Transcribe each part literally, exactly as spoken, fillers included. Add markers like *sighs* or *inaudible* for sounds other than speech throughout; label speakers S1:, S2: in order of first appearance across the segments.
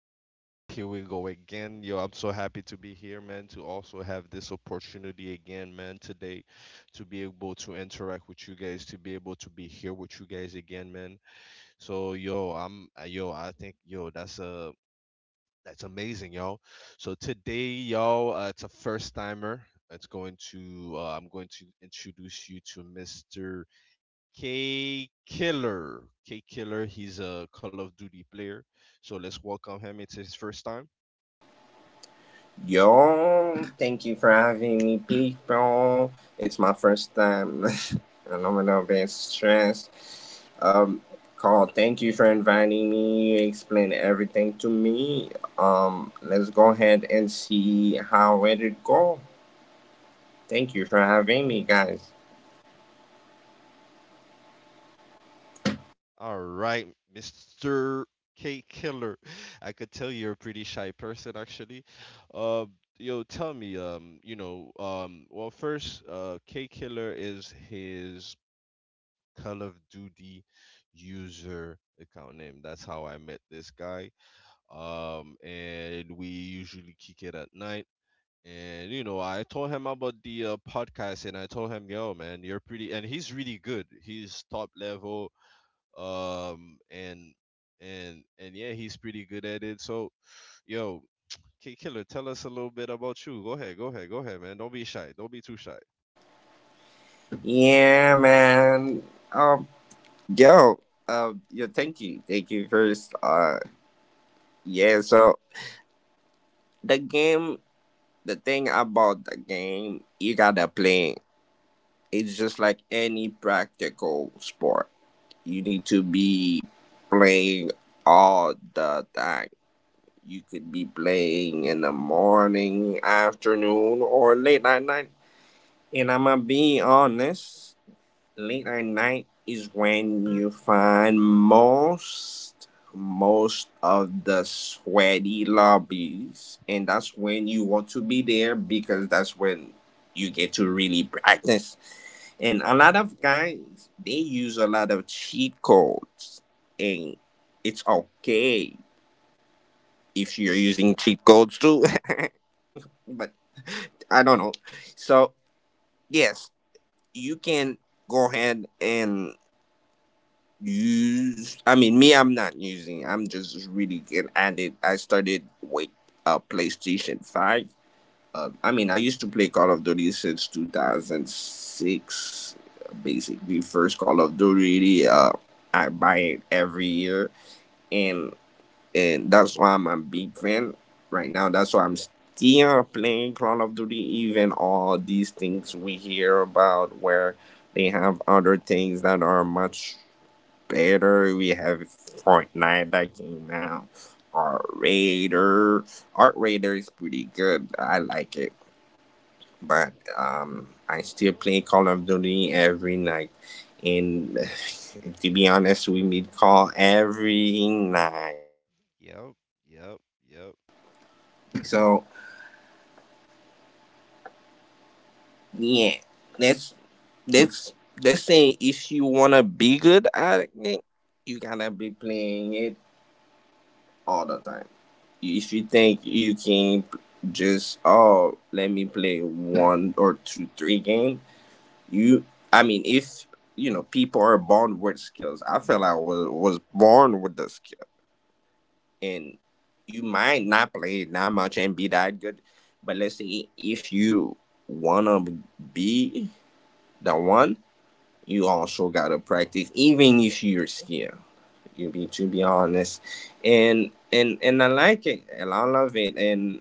S1: Carl. Here we go again. Yo, I'm so happy to be here, man, to also have this opportunity again, man, today to be able to interact with you guys, to be able to be here with you guys again, man. So, yo, I'm, uh, yo, I think, yo, that's a, That's amazing, y'all. So today, y'all, uh, it's a first timer. It's going to, uh, I'm going to introduce you to Mister K Killer. K Killer, he's a Call of Duty player. So let's welcome him. It's his first time.
S2: Yo, thank you for having me, people. It's my first time, *laughs* and I'm a little bit stressed. Um, Carl, thank you for inviting me. You explained everything to me. Um, let's go ahead and see how it would go. Thank you for having me, guys.
S1: All right, Mister K Killer. I could tell you're a pretty shy person actually. Uh, yo, tell me, um, you know, um, well first, uh, K Killer is his Call of Duty user account name. That's how I met this guy. Um, and we usually kick it at night. And you know, I told him about the uh, podcast, and I told him, "Yo, man, you're pretty," and he's really good. He's top level, um, and and and yeah, he's pretty good at it. So, yo, K Killer, tell us a little bit about you. Go ahead, go ahead, go ahead, man. Don't be shy. Don't be too shy.
S2: Yeah, man. Um, yo, um, yo, thank you, thank you first. Uh, yeah. So the game, the thing about the game, you gotta play. It's just like any practical sport. You need to be playing all the time. You could be playing in the morning, afternoon, or late at night. And I'm gonna be honest, late at night is when you find most most of the sweaty lobbies, and that's when you want to be there because that's when you get to really practice, and a lot of guys, they use a lot of cheat codes, and it's okay if you're using cheat codes too. *laughs* But I don't know. So, yes, you can go ahead and use. I mean, me, I'm not using, I'm just really getting at it. I started with a PlayStation five. Uh, I mean, I used to play Call of Duty since two thousand six, basically first Call of Duty. Uh, I buy it every year, and and that's why I'm a big fan right now. That's why I'm still playing Call of Duty, even all these things we hear about where they have other things that are much better. We have Fortnite that came out, or Raider. Art Raider is pretty good. I like it, but um, I still play Call of Duty every night. And *sighs* *laughs* to be honest, we meet call every night.
S1: Yep, yep, yep.
S2: So yeah, that's that's that's saying if you wanna be good at it, you gotta be playing it all the time. If you think you can just oh let me play one or two three games, You, I mean, if you know, people are born with skills. I feel I was was born with the skill, and you might not play it that much and be that good. But let's say if you wanna be the one, you also gotta practice, even if you're skilled. You be to be honest, and and and I like it, and I love it, and.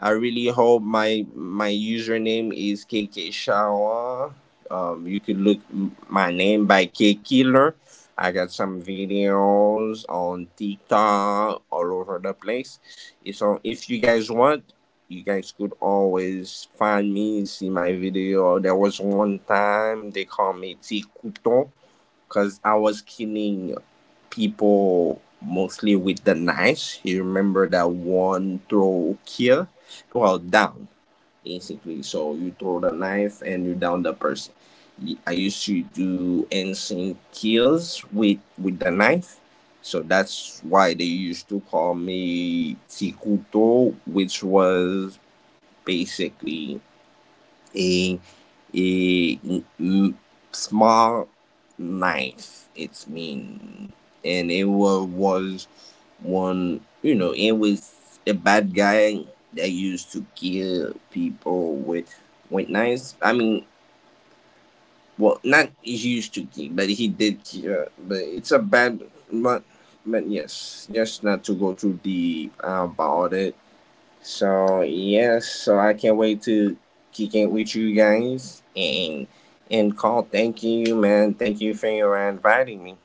S2: I really hope my my username is K K Shawa. Um, you could look m- my name by K Killer. I got some videos on TikTok all over the place. If- So if you guys want, you guys could always find me, see my video. There was one time they called me T Couton because I was killing people mostly with the knives. You remember that one throw kill? Well, down, basically. So you throw the knife and you down the person. I used to do insane kills with, with the knife. So that's why they used to call me Tikuto, which was basically a a m- small knife. It's mean, and it was, was one. You know, it was a bad guy that used to kill people with with knives. I mean, well, not used to kill, but he did kill. But it's a bad, but but yes, just not to go too deep about it, so yes, so I can't wait to kick it with you guys and and call. Thank you, man. Thank you for your inviting me.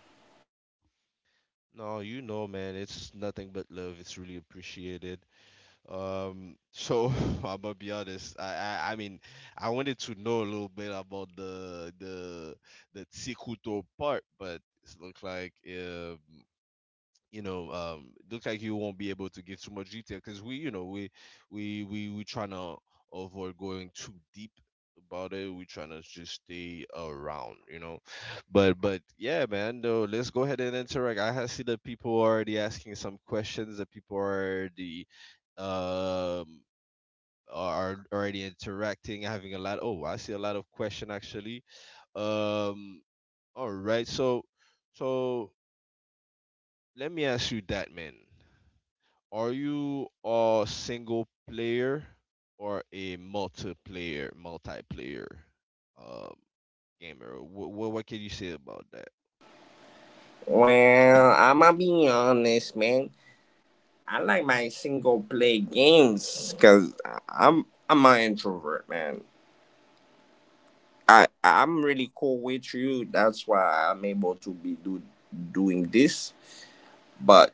S1: No, you know, man, it's nothing but love. It's really appreciated. Um, so *laughs* I'm gonna be honest. I, I I mean, I wanted to know a little bit about the the the Tikuto part, but it looks like um you know um it looks like you won't be able to give too much detail because we you know we we we we trying to avoid going too deep about it. We trying to just stay around, you know. But but yeah, man. Though let's go ahead and interact. I ha- see that people are already asking some questions, that people are the um are already interacting, having a lot. Oh, I see a lot of question actually. um all right. So so let me ask you that, man. Are you a single player or a multiplayer? multiplayer um, Gamer? What, what what can you say about that?
S2: Well, I'ma be honest, man. I like my single play games because I'm I'm an introvert, man. I I'm really cool with you. That's why I'm able to be do, doing this. But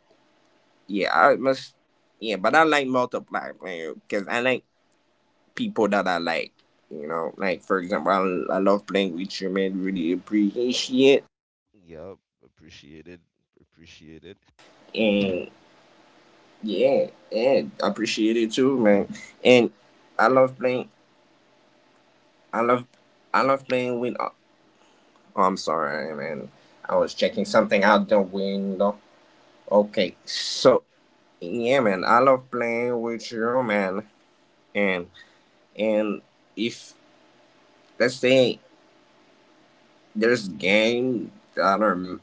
S2: yeah, I must. Yeah, but I like multiply because I like people that I like. You know, like for example, I, I love playing with you, man. Really appreciate,
S1: Yep, appreciated, appreciated.
S2: and yeah, yeah, appreciate it too, man. And I love playing. I love, I love playing with. Oh, oh, I'm sorry, man. I was checking something out the window. Okay, so yeah, man. I love playing with you, man. And and if let's say there's game that are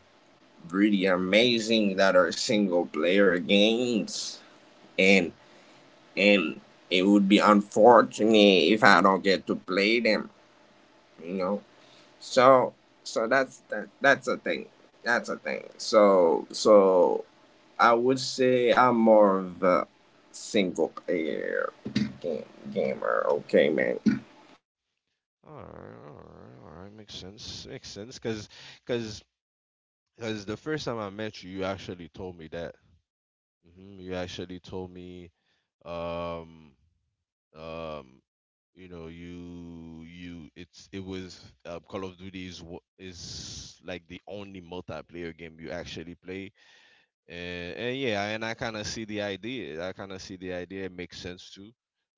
S2: really amazing, that are single player games, and and it would be unfortunate if I don't get to play them, you know. So so that's that, that's a thing. That's a thing. So so I would say I'm more of a single player game, gamer. Okay, man.
S1: All right, all right, all right. Makes sense, makes sense. Cause, cause, cause the first time I met you, you actually told me that. hmm You actually told me, um, um you know, you you it's it was uh, Call of Duty is wh- is like the only multiplayer game you actually play. And, and yeah, and I kind of see the idea. I kind of see the idea. It makes sense too.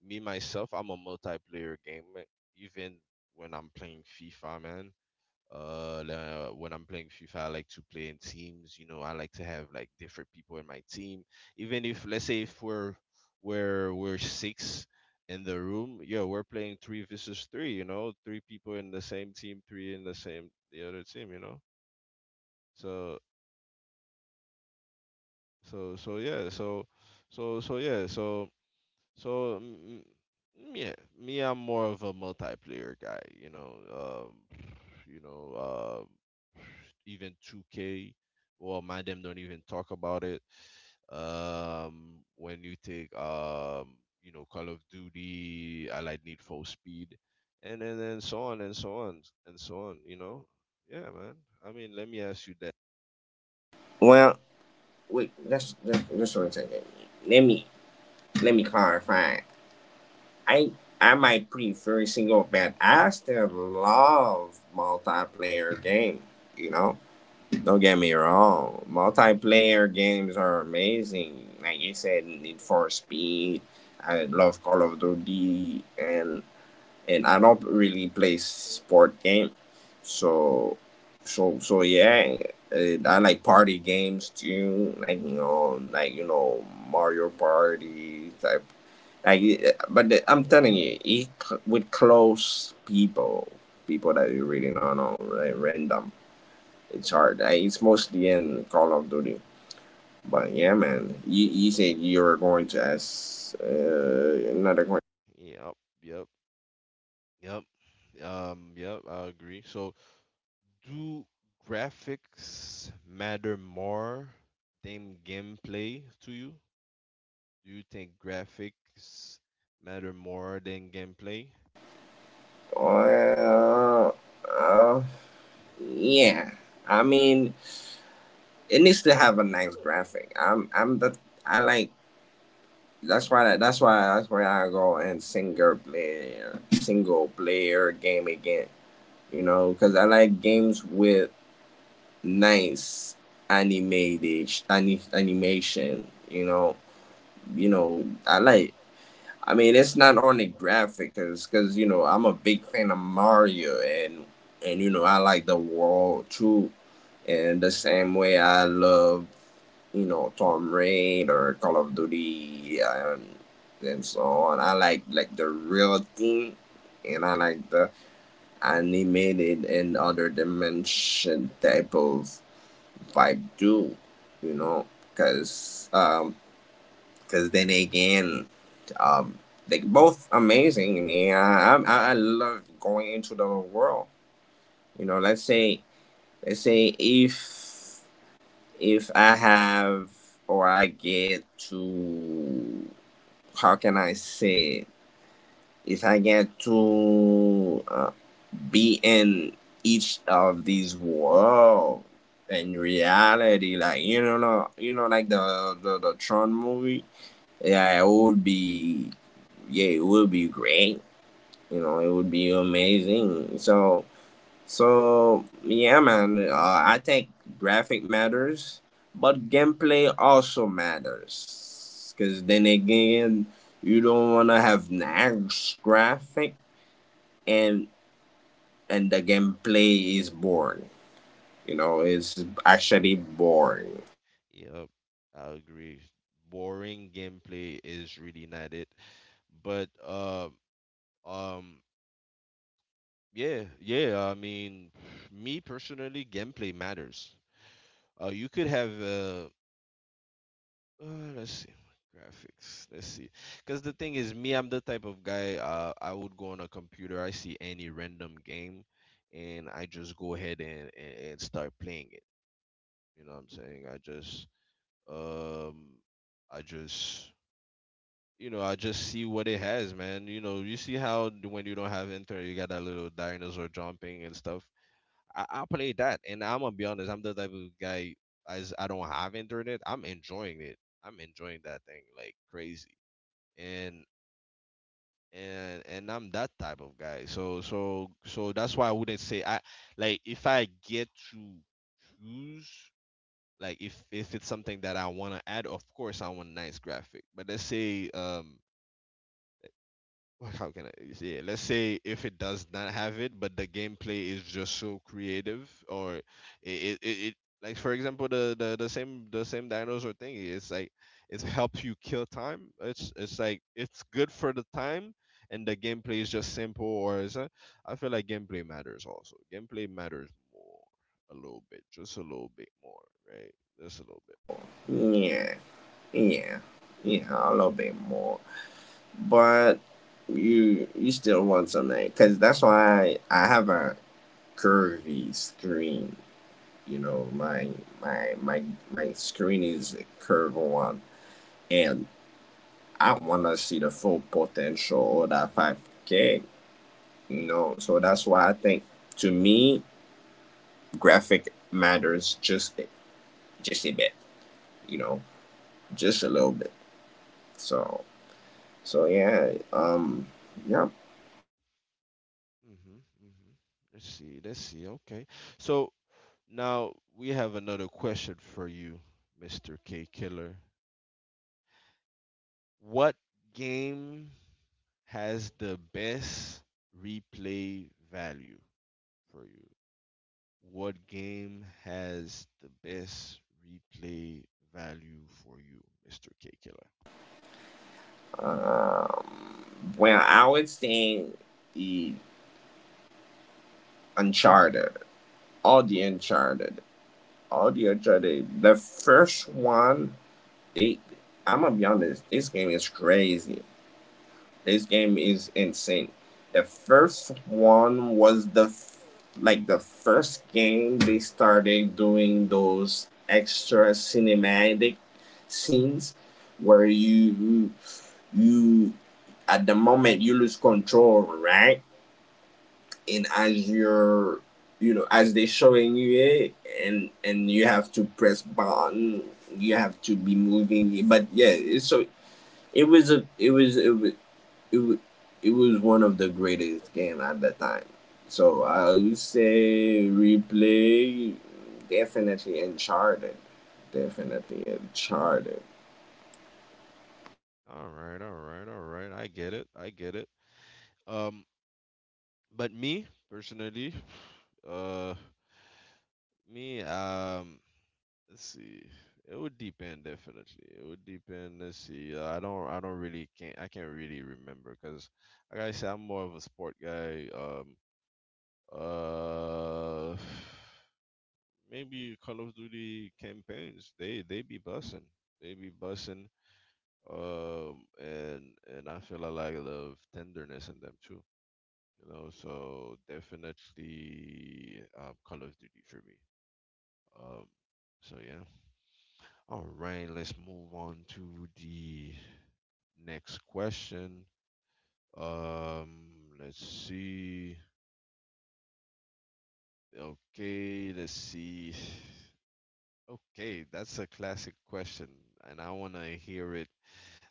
S1: Me myself, I'm a multiplayer gamer. Even when I'm playing FIFA, man. Uh, la- when I'm playing FIFA, I like to play in teams. You know, I like to have like different people in my team. Even if, let's say if we're we're we're six in the room, yeah, we're playing three versus three. You know, three people in the same team, three in the same the other team. You know, so so so yeah, so so so yeah, so So mm, mm, yeah, me, I'm more of a multiplayer guy. You know, um, you know, uh, even two K. Well, my them don't even talk about it. Um, when you take, um, you know, Call of Duty, I like Need for Speed, and and then so on and so on and so on. You know, yeah, man. I mean, let me ask you that.
S2: Well, wait. That's that's, that's what I'm saying. Let me Let me clarify. I I might prefer single, but I still love multiplayer game. You know, don't get me wrong. Multiplayer games are amazing. Like you said, Need for Speed. I love Call of Duty, and and I don't really play sport game. So, so so yeah. Uh, I like party games too, like you know, like you know, Mario Party type like, uh, but the, I'm telling you, he, with close people, people that you really don't know, like random, it's hard. Like, it's mostly in Call of Duty. But yeah, man, you, you said you were going to ask uh, another question.
S1: Yep, yep, yep. Um, yep. I agree. So do graphics matter more than gameplay to you? Do you think graphics matter more than gameplay?
S2: Well, uh, yeah. I mean, it needs to have a nice graphic. I'm, I'm the, I like. That's why. That's why. That's why I go and single player, single player game again, you know, because I like games with nice animated ani- animation. You know, you know, I like. I mean, it's not only graphic, cause, 'cause, you know, I'm a big fan of Mario, and and you know I like the world too, and the same way I love, you know, Tom Raider, Call of Duty, and and so on. I like like the real thing, and I like the animated and other dimension type of vibe too, you know, because um, 'cause then again, um they both amazing, man. I, I I love going into the world, you know. Let's say, let's say if if I have or I get to, how can I say it? If I get to, uh, be in each of these world and reality, like you know, no- you know, like the the, the Tron movie. yeah it would be yeah, it would be great, you know, it would be amazing. So so yeah, man, uh, I think graphic matters, but gameplay also matters because then again, you don't want to have nice graphic and and the gameplay is boring. You know, it's actually boring.
S1: Yep, I agree. Boring gameplay is really not it. But uh, um, yeah, yeah. I mean, me personally, gameplay matters. Uh, you could have uh, Uh, let's see. Graphics. Let's see. Because the thing is, me, I'm the type of guy. Uh, I would go on a computer. I see any random game, and I just go ahead and and, and start playing it. You know what I'm saying? I just um, I just you know, I just see what it has, man. You know, you see how d- when you don't have internet, you got that little dinosaur jumping and stuff. I I play that, and I'm gonna be honest. I'm the type of guy. As I don't have internet, I'm enjoying it. I'm enjoying that thing like crazy. And and and I'm that type of guy. So so so that's why I wouldn't say I, like, if I get to choose, like, if if it's something that I want to add, of course I want nice graphic. But let's say, um Well, how can I yeah, let's say if it does not have it, but the gameplay is just so creative, or it it, it, it like for example, the, the the same the same dinosaur thingy, it's like it helps you kill time. It's it's like it's good for the time and the gameplay is just simple or is a, I feel like gameplay matters also. Gameplay matters more a little bit, just a little bit more, right? Just a little bit.
S2: Yeah, yeah, yeah, a little bit more. But you you still want something because that's why I have a curvy screen. You know, my my my my screen is a curved one, and I want to see the full potential of that five K. You know, so that's why I think to me graphic matters just just a bit. You know, just a little bit. So so yeah, um, yep.
S1: Mhm. Mhm. Let's see. Let's see. Okay. So now, we have another question for you, Mister K Killer. What game has the best replay value for you? What game has the best replay value for you, Mister K Killer?
S2: Um, well, I would say the Uncharted, all the Uncharted, all the Uncharted. The first one, they, I'm gonna be honest, this game is crazy. This game is insane. The first one was the f- like the first game they started doing those extra cinematic scenes where you you at the moment you lose control, right? And as you're, you know, as they're showing you it, and and you have to press button, you have to be moving. But yeah, so it was a it was it was, it was it was one of the greatest game at the time. So I would say replay, definitely Uncharted, definitely Uncharted.
S1: All right, all right, all right. I get it. I get it. Um, but me personally, *sighs* uh, me, um, Let's see. It would depend definitely. It would depend. Let's see. Uh, I don't. I don't really can't. I can't really remember because, like I said, I'm more of a sport guy. Um. Uh. Maybe Call of Duty campaigns. They they be bussing. They be bussing. Um. And and I feel a lot of tenderness in them too. You know. So definitely, um, Call of Duty for me. Um. So yeah. All right, let's move on to the next question. Um, let's see. Okay, let's see. Okay, that's a classic question, and I wanna hear it.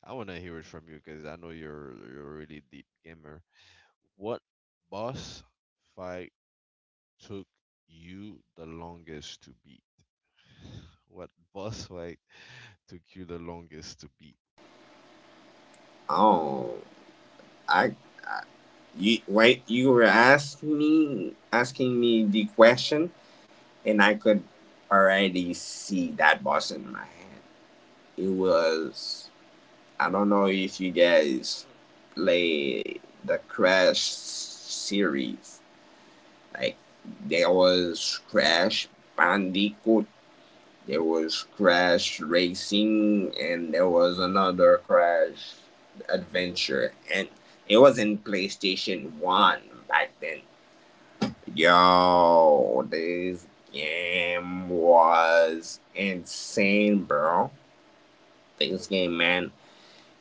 S1: I wanna hear it from you because I know you're you're a really deep gamer. What boss fight took you the longest to beat? *laughs* What boss fight took you the longest to beat?
S2: Oh, I You right? You were asking me asking me the question, and I could already see that boss in my head. It was, I don't know if you guys play the Crash series. Like there was Crash Bandicoot, there was Crash Racing, and there was another Crash Adventure, and it was in PlayStation One back then. Yo, this game was insane, bro. This game, man.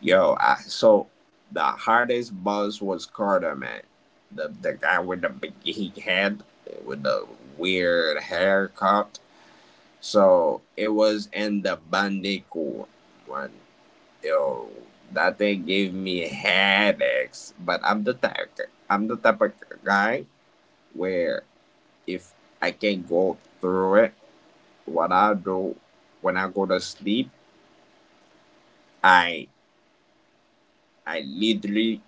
S2: Yo, I, so the hardest boss was Carter, man. The the guy with the big head, with the weird haircut. So it was in the Bandicoot one. Yo, that thing gave me headaches. But I'm the type, I'm the type of guy where if I can go through it, what I do when I go to sleep, I I literally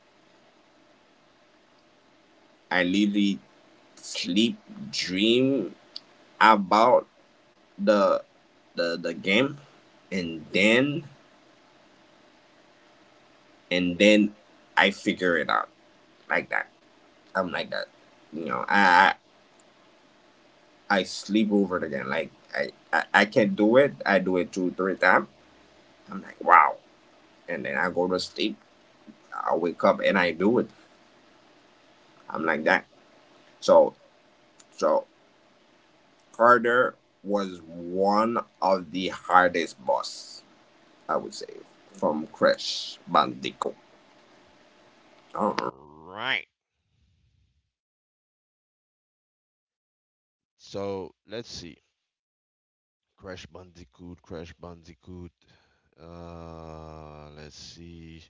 S2: I literally sleep dream about the the the game, and then and then I figure it out like that. I'm like that. You know, I I, I sleep over it again. Like I, I I can do it. I do it two three times. I'm like wow, and then I go to sleep. I wake up and I do it. I'm like that. So So Carter was one of the hardest boss, I would say, from Crash Bandicoot. Oh,
S1: All right. So let's see. Crash Bandicoot, Crash Bandicoot. Uh, let's see.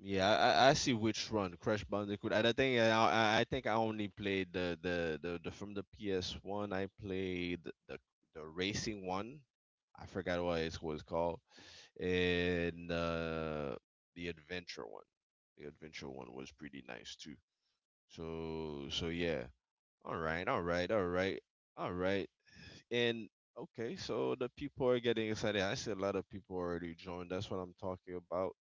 S1: Yeah, I, I I see which one, Crash Bandicoot. And I think I, I I think I only played the, the, the, the from the P S one. I played the the racing one. I forgot what it's what it's called, and uh, the adventure one. The adventure one was pretty nice too. So so yeah. All right, all right, all right, all right. And okay, so the people are getting excited. I see a lot of people already joined. That's what I'm talking about.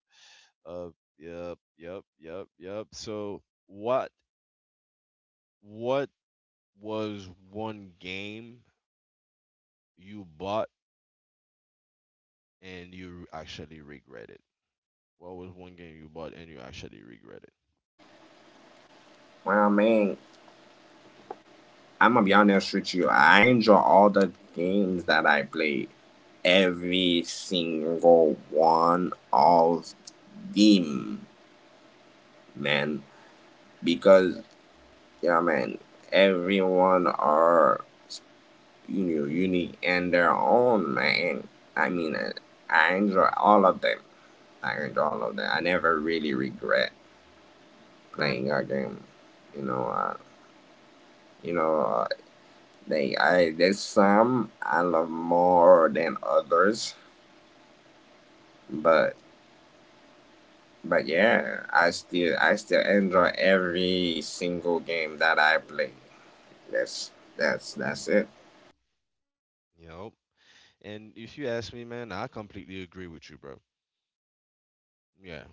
S1: Uh, yep, yep, yep, yep. So what what was one game you bought and you actually regret it? What was one game you bought and you actually regret it?
S2: well, I mean, I'm gonna be honest with you. I enjoy all the games that I play. Every single one of them, man. Because yeah, man, everyone are, you know, unique in their own, man. I mean, I enjoy all of them. Learned all of that. I never really regret playing our game. You know, uh, you know, uh, they I there's some I love more than others, but but yeah, I still I still enjoy every single game that I play. That's that's that's it.
S1: Yep. And if you ask me, man, I completely agree with you, bro. Yeah,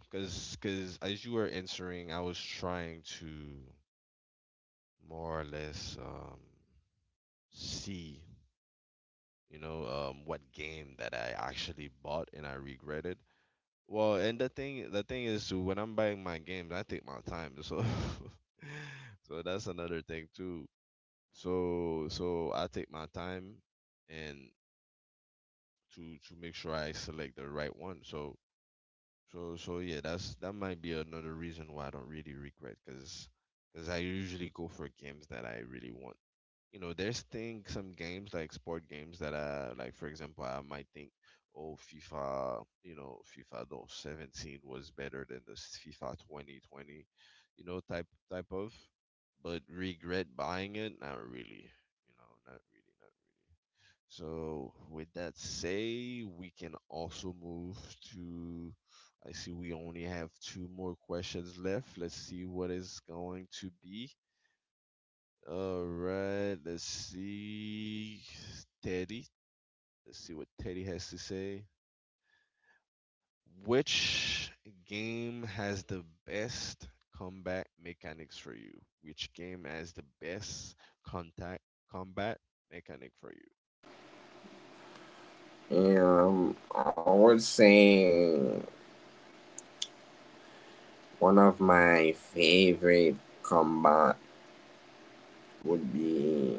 S1: because because as you were answering, I was trying to more or less um see, you know um, what game that I actually bought and I regretted. Well, and the thing the thing is when I'm buying my games, I take my time. So *laughs* so that's another thing too. So so I take my time and to to make sure I select the right one. So so so yeah, that's that might be another reason why I don't really regret because because I usually go for games that I really want. You know, there's thing some games like sport games that uh like for example, I might think, oh, FIFA, you know, FIFA though seventeen was better than the FIFA twenty twenty, you know, type type of but regret buying it, not really. You know, not really, not really. So with that say, we can also move to, I see we only have two more questions left. Let's see what is going to be. All right, let's see. Teddy. Let's see what Teddy has to say. Which game has the best combat mechanics for you? Which game has the best contact combat mechanic for you?
S2: Um, I would say one of my favorite combat would be,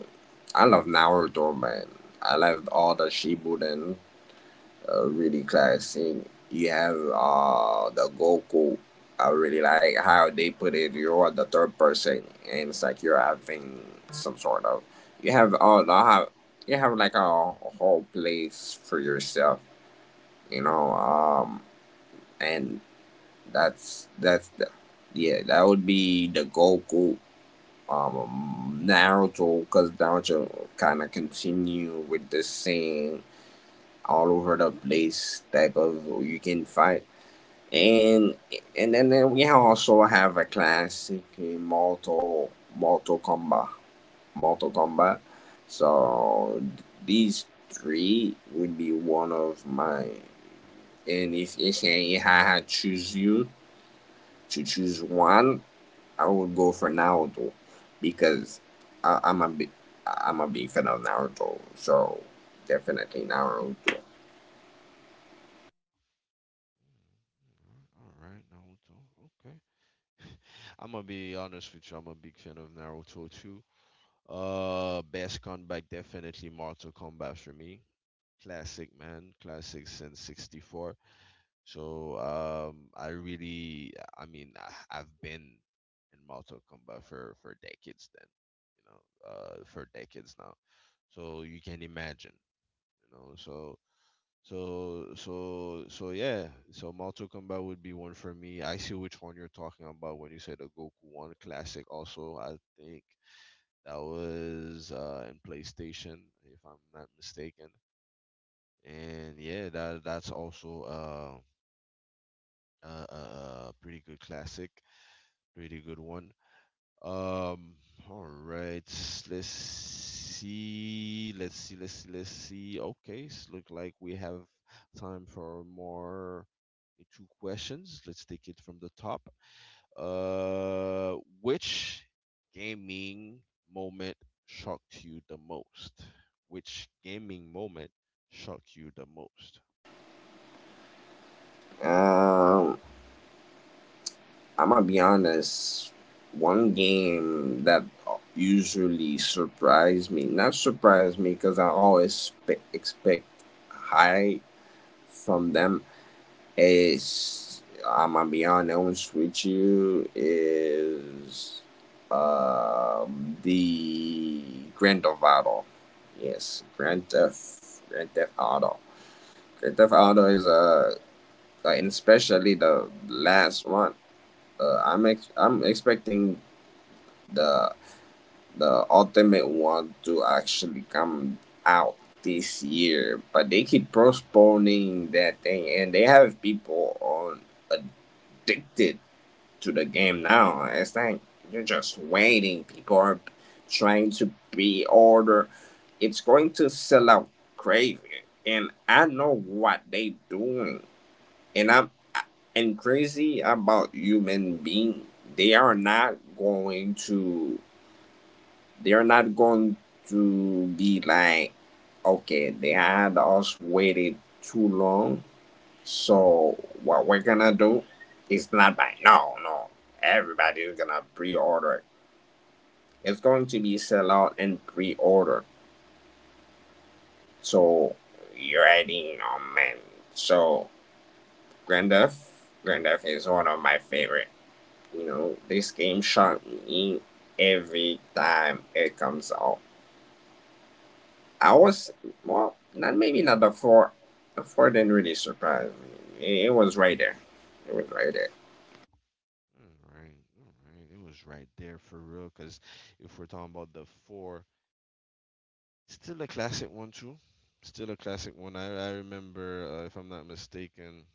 S2: I love Naruto, man. I loved all the Shibudens. Uh, really classic. You have uh the Goku. I really like how they put it. You're the third person, and it's like you're having some sort of. You have all the have you have like a, a whole place for yourself, you know. Um, and that's that's the yeah that would be the Goku, um Naruto, because Naruto kind of continue with the same all over the place type of you can fight, and and then uh, we also have a classic, uh, Mortal Mortal Kombat Mortal Kombat. So th- these three would be one of my, and if if I had choose you to choose one, I would go for Naruto because I, I'm a big I'm a big fan of Naruto. So definitely Naruto.
S1: All right, Naruto. Okay. *laughs* I'm gonna be honest with you. I'm a big fan of Naruto too. Uh, best combat definitely Mortal Kombat for me. Classic man, classic since 'sixty-four. So um, I really, I mean, I, I've been in Mortal Kombat for for decades. Then, you know, uh, for decades now. So you can imagine, you know. So so so so yeah. So Mortal Kombat would be one for me. I see which one you're talking about when you say the Goku one. Classic. Also, I think that was uh, in PlayStation, if I'm not mistaken. And yeah, that that's also uh, Uh, uh, uh, pretty good classic, pretty good one. Um, all right, let's see, let's see, let's see, let's see. Okay, it's look like we have time for more, eh, two questions. Let's take it from the top. Uh, which gaming moment shocked you the most? Which gaming moment shocked you the most?
S2: Um, I'm gonna be honest. One game that usually surprised me, not surprised me, because I always spe- expect high from them. Is, I'm gonna be honest with you. Is um the Grand Theft Auto? Yes, Grand Theft Grand Theft Auto. Grand Theft Auto is a, uh, like, and especially the last one. Uh, I'm ex- I'm expecting the the ultimate one to actually come out this year, but they keep postponing that thing, and they have people on addicted to the game now. It's like you're just waiting. People are trying to be order. It's going to sell out crazy, and I know what they doing, and I'm and crazy about human being. They are not going to They're not going to be like, okay, they had us waited too long. So what we're gonna do is not buy. No, no. Everybody is gonna pre-order. It's going to be sell out and pre-order. So you're adding on, man. So Grand Theft, Grand Theft is one of my favorite. You know, this game shocked me every time it comes out. I was Well, not maybe not the four. The four didn't really surprise me. It was right there. It was right there.
S1: All right, all right. It was right there for real. Cause if we're talking about the four, still a classic one too. Still a classic one. I I remember, uh, if I'm not mistaken,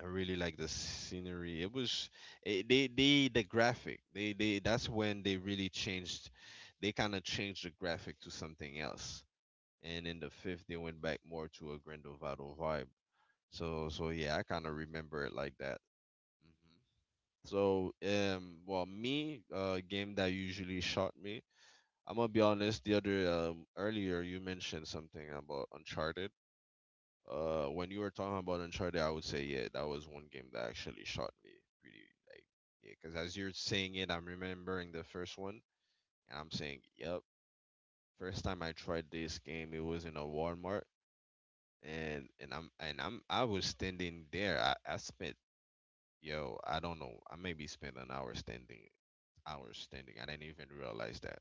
S1: I really like the scenery. It was it, they they the graphic. They they that's when they really changed. They kind of changed the graphic to something else. And in the fifth, they went back more to a Grindelwald vibe. So so yeah, I kind of remember it like that. Mm-hmm. So, um, well, me, uh, game that usually shot me. I'm gonna be honest. The other um, earlier you mentioned something about Uncharted. Uh, when you were talking about Uncharted, I would say yeah, that was one game that actually shot me pretty, like, yeah. Cause as you're saying it, I'm remembering the first one, and I'm saying yep. First time I tried this game, it was in a Walmart, and and I'm and I'm I was standing there. I, I spent, yo, I don't know. I maybe spent an hour standing, hours standing. I didn't even realize that.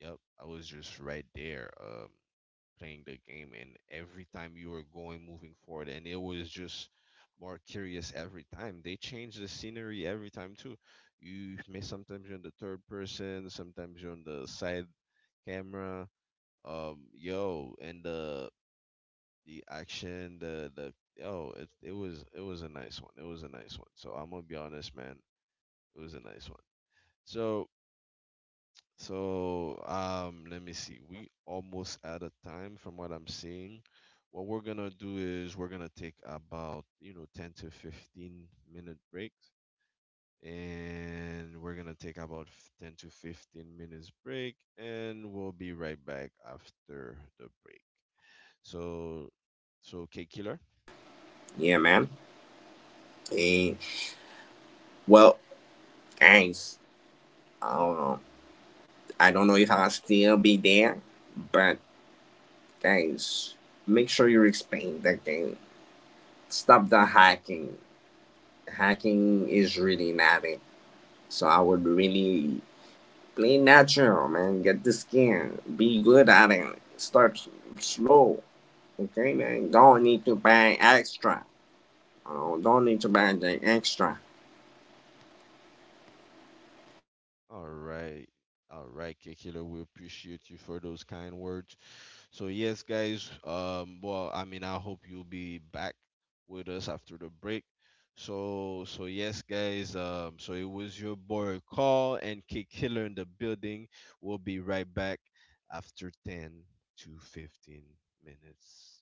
S1: Yep, I was just right there, um, playing the game, and every time you were going, moving forward, and it was just more curious every time. They change the scenery every time too. You may, sometimes you're in the third person, sometimes you're on the side camera. Um, yo, and the the action, the the oh, it it was, it was a nice one. It was a nice one. So I'm gonna be honest, man. It was a nice one. So, so um, let me see. We almost out of time from what I'm seeing. What we're gonna do is we're gonna take about, you know, ten to fifteen minute breaks. And we're gonna take about f- ten to fifteen minutes break, and we'll be right back after the break. So, so K Killer.
S2: Yeah, man. Eh, well, guys, I don't know. I don't know if I'll still be there, but guys, make sure you explain that game. Stop the hacking. Hacking is really not it. So I would really play natural, man. Get the skin. Be good at it. Start slow. Okay, man. Don't need to buy extra. Oh, don't need to buy the extra.
S1: All right. All right, Kekilo, we appreciate you for those kind words. So yes, guys, um well, I mean, I hope you'll be back with us after the break. So so yes, guys, um so it was your boy Call and Kekilo in the building. We'll be right back after ten to fifteen minutes.